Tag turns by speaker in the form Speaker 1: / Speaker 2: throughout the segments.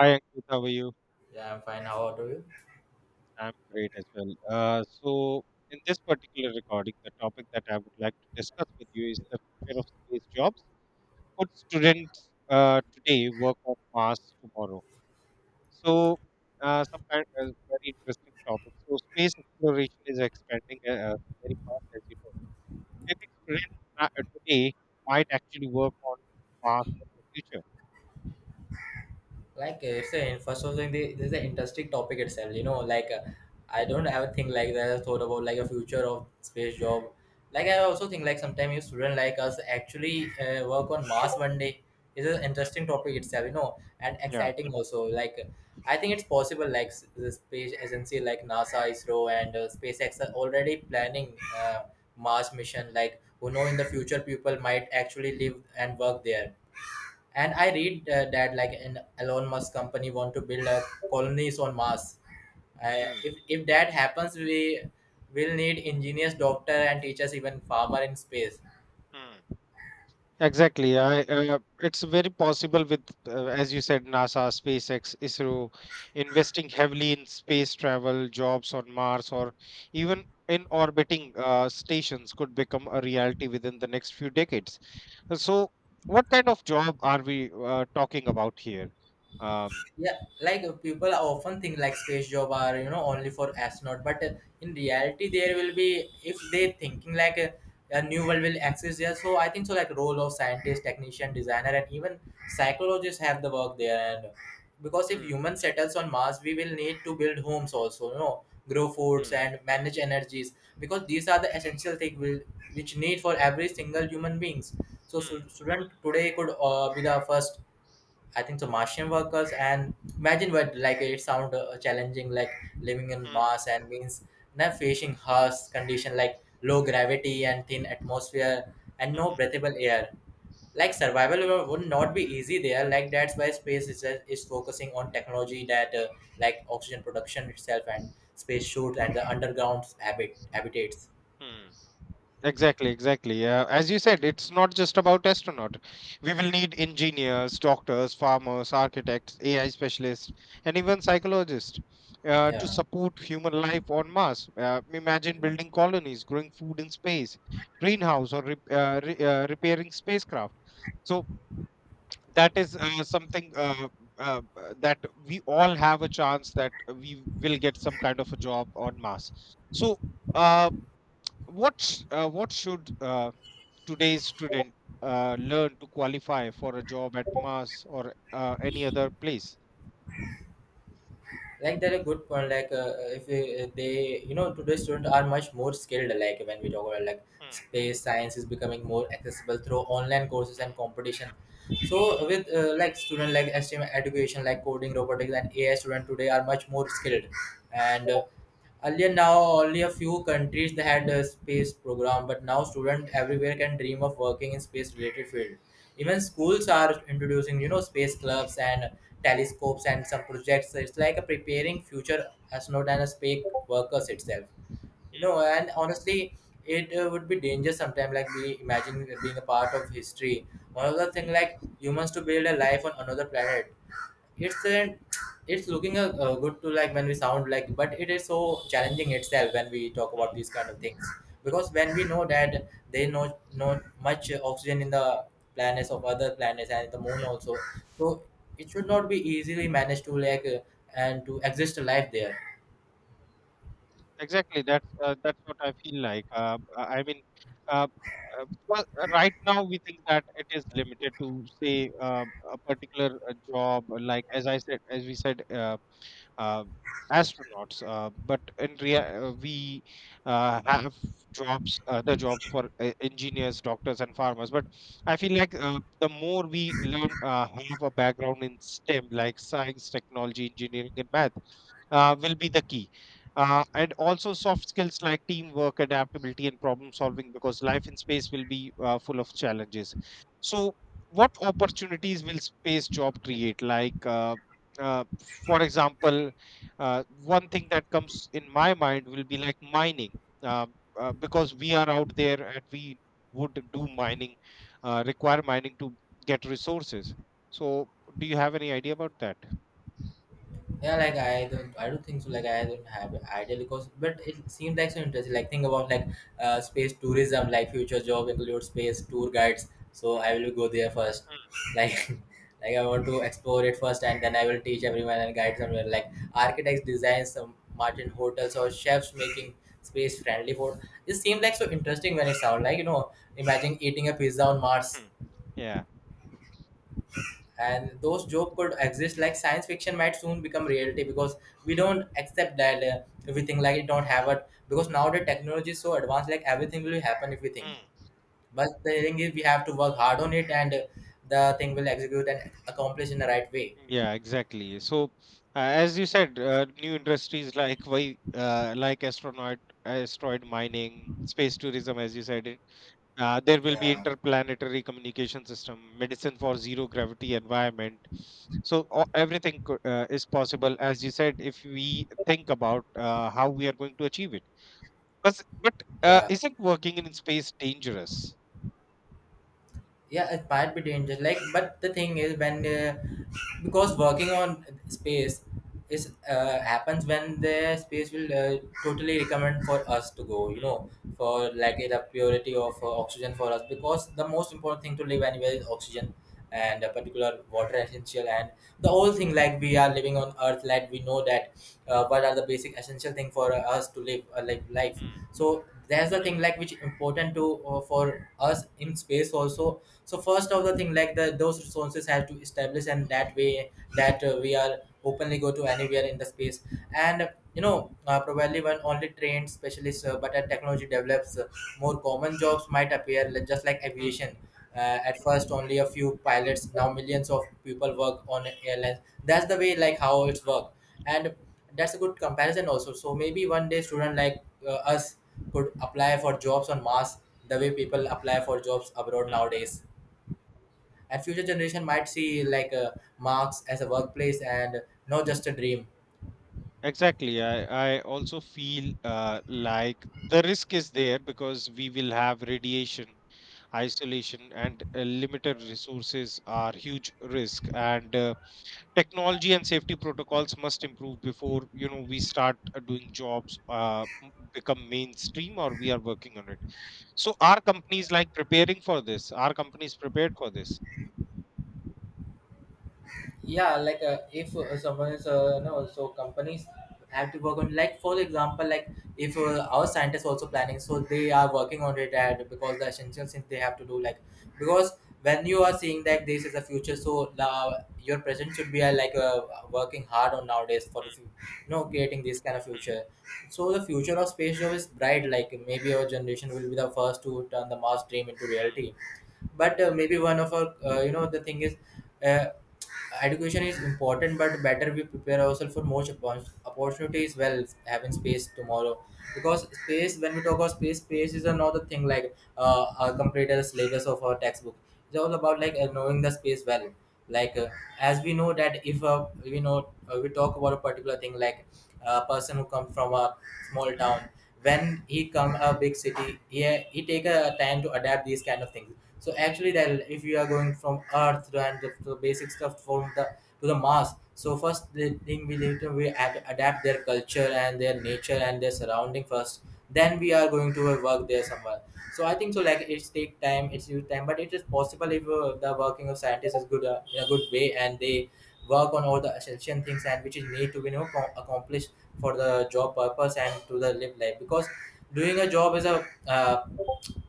Speaker 1: I,
Speaker 2: Ankit, how are you?
Speaker 1: yeah, I'm fine. How about you?
Speaker 2: I'm great as well. In this particular recording, the topic that I would like to discuss with you is the future of space jobs. Could students today work on Mars tomorrow? So, some kind of very interesting topic. So, space exploration is expanding very fast, as you know. Maybe students today might actually work on Mars in the future.
Speaker 1: First of all, this is an interesting topic itself. You know, I don't have a thing like that. I thought about like a future of space job. Like, I also think like sometimes you student like us actually work on Mars one day. It's an interesting topic itself, you know, and
Speaker 2: Yeah.
Speaker 1: exciting also. Like, I think it's possible. The space agency like NASA, ISRO, and SpaceX are already planning Mars mission. Like, who know in the future people might actually live and work there. And I
Speaker 2: Mm,
Speaker 1: read that like an Elon Musk company want to build a colonies on Mars. Uh,
Speaker 2: mm,
Speaker 1: if if that happens, we will need engineers, doctor, and teachers, even farmer in space.
Speaker 2: mm. Exactly. It's very possible with, as you said, NASA, SpaceX, ISRO, investing heavily in space travel, jobs on Mars, or even in orbiting stations could become a reality within the next few decades. So, what kind of job are we talking about here? Um,
Speaker 1: Yeah, like people often think like space job are, you know, only for astronaut, but in reality there will be if they thinking like a new world will exist there. So I think so like role of scientist, technician, designer, and even psychologists have the work there. And because if
Speaker 2: Hmm,
Speaker 1: human settles on Mars we will need to build homes also, you know, grow foods
Speaker 2: hmm,
Speaker 1: and manage energies, because these are the essential things will which need for every single human beings. So,
Speaker 2: hmm,
Speaker 1: student today could be the first, I think so, Martian workers. And imagine what like it sound challenging, like living in
Speaker 2: hmm,
Speaker 1: Mars and means now facing harsh condition like low gravity and thin atmosphere and no
Speaker 2: hmm,
Speaker 1: breathable air. Like survival would not be easy there. Like that's why space is focusing on technology that like oxygen production itself and space shoots and the underground habitats.
Speaker 2: hmm, hmm. Exactly, exactly. As you said, it's not just about astronaut. We will need engineers, doctors, farmers, architects, AI specialists, and even psychologists to
Speaker 1: Yeah.
Speaker 2: support human life on Mars. Imagine building colonies, growing food in space, greenhouse, or repairing spacecraft. So that is something that we all have a chance that we will get some kind of a job on Mars. So. Uh, what should today's student learn to qualify for a job at Mars or any other place.
Speaker 1: Like they're a good point, like if they you know today's students are much more skilled, like when we talk about like
Speaker 2: Mm,
Speaker 1: space science is becoming more accessible through online courses
Speaker 2: mm,
Speaker 1: and competition. So
Speaker 2: mm,
Speaker 1: with like student like STEM education, like coding, robotics, and AI, student today are much more skilled. And earlier, now only a few countries that had a space program, but now students everywhere can dream of working in space-related field. Even
Speaker 2: mm,
Speaker 1: schools are introducing, you know, space clubs and telescopes and some projects. So it's like a preparing future astronaut and a space workers itself. You know, and honestly, it would be dangerous sometimes. Like we imagine being a part of history, one of the thing like humans to build a life on another planet. It's an, it's looking good to like when we sound like, but it is so challenging itself when we talk about
Speaker 2: mm.
Speaker 1: these kind of things. Because when we know that there is no, not much oxygen in the planets of other planets and the moon also. So it should not be easily managed to like and to exist a life there.
Speaker 2: Exactly, that's what I feel like. I mean, uh, well, right now we think that it is limited to say a particular job, like as I said, as we said. Uh, Astronauts, but we have jobs other jobs for engineers, doctors, and farmers, but I feel like the more we learn, have a background in STEM like science, technology, engineering, and math, will be the key, and also soft skills like teamwork, adaptability, and problem solving, because life in space will be full of challenges. So, what opportunities will space job create, like, for example, one thing that comes in my mind will be like mining, uh, because we are out there and we would do mining, require mining to get resources. So, do you have any idea about that?
Speaker 1: Yeah, like I don't think so. Like I don't have an idea because, but it seems like so interesting. Like think about like space tourism, like future job include space tour guides. So I will go there first. Like, like I want to explore it first, and then I will teach everyone and guide somewhere. Like architects design some Martin hotels or chefs making space friendly food. It seems like so interesting when it sounds like, you know, imagine eating a pizza on Mars,
Speaker 2: Mhm. Yeah.
Speaker 1: and those jokes could exist. Like science fiction might soon become reality, because we don't accept that we like it don't have it, because now the technology is so advanced, like everything will happen if we think.
Speaker 2: Mm.
Speaker 1: But the thing is we have to work hard on it, and the thing will execute and accomplish in the right way.
Speaker 2: Yeah, exactly. So, uh, as you said, new industries like, like astronaut, asteroid mining, space tourism, as you said. There will be
Speaker 1: Yeah.
Speaker 2: interplanetary communication system, medicine for zero gravity environment. So, everything is possible, as you said, if we think about how we are going to achieve it. But,
Speaker 1: yeah
Speaker 2: isn't working in space dangerous?
Speaker 1: yeah, it might be dangerous, like. But the thing is when because working on space is happens when the space will totally recommend for us to go, you know, for like the purity of oxygen for us, because the most important thing to live anywhere is
Speaker 2: Mm,
Speaker 1: oxygen and a particular water essential. And the whole thing like we are living on earth, like we know that what are the basic essential thing for us to live a like life. So there's the thing like which important to for us in space also. So first of the thing like the those resources have to establish, and that way that we are openly go to anywhere in the space. And you know probably when only trained specialists but as technology develops more common jobs might appear like- just like
Speaker 2: mm, mm,
Speaker 1: aviation. At first only a few pilots, now millions of people work on airlines. That's the way like how it's work. And that's a good comparison also. So maybe one day student like us could apply for jobs on Mars the way people apply for jobs abroad
Speaker 2: mm.
Speaker 1: nowadays. And future generation might see like marks as a workplace and not just a dream.
Speaker 2: Exactly. I also feel like the risk is there because we will have radiation, isolation, and limited resources are huge risk. And technology and safety protocols must improve before we start doing jobs, become mainstream, or we are working on it. So, are companies like preparing for this? Are companies prepared for this?
Speaker 1: Yeah, like if someone is no, so companies have to work on, like for example like, if our scientists also planning, so they are working on it. And because the essential things they have to do, like because when you are seeing that this is the future, so your present should be working hard on nowadays for the you know creating this kind of future. So the future of space job is bright, like maybe our generation will be the first to turn the Mars dream into
Speaker 2: Hmm,
Speaker 1: reality. But maybe one of our you know the thing is uh, education is important, but better we prepare ourselves for more opportunities well having space tomorrow. Because space, when we talk about space, space is another thing, like a complete syllabus of our textbook. It's all about like knowing the space well. Like as we know that if we talk about a particular thing, like a person who comes from a small
Speaker 2: hmm,
Speaker 1: town, when he come a big city, he take a time to adapt these kind of things. So actually that if you are going from earth and the basic stuff from the to the mass, so first the thing we later we adapt their culture and their nature and their surrounding first, then we are going to work there somewhere. So I think so like it's take time, it's use time, but it is possible if the working of scientists is good in a good way, and they work on all the essential things and which is need to be, you know, accomplished for the job purpose and to the live life. Because doing a job is a uh,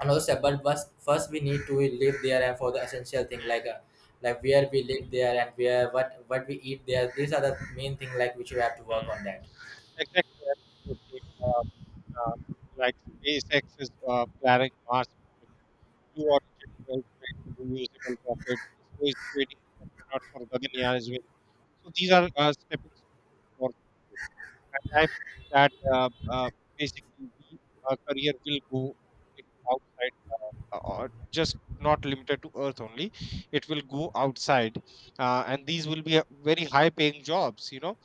Speaker 1: another step, but first we need to live there. And for the essential thing,
Speaker 2: hmm,
Speaker 1: like where we live there and where what we eat there, these are the main thing like which we have to work
Speaker 2: hmm.
Speaker 1: on that.
Speaker 2: Exactly. I, uh, uh, like SpaceX is planning Mars mission, Blue Origin will create reusable rockets, so is creating astronauts for Gaganyaan as well. So these are stepping stones for. At times that basically our career will go, outside, or just not limited to earth only. It will go outside, and these will be very high paying jobs, you know,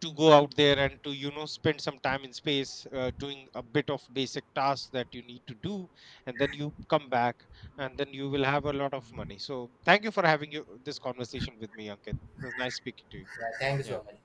Speaker 2: to go out there and to spend some time in space, doing a bit of basic tasks that you need to do, and then you come back, and then you will have a lot of money. So thank you for having you, this conversation with me, Ankit. It was nice speaking to you.
Speaker 1: Yeah, thank you
Speaker 2: Yeah.
Speaker 1: so much.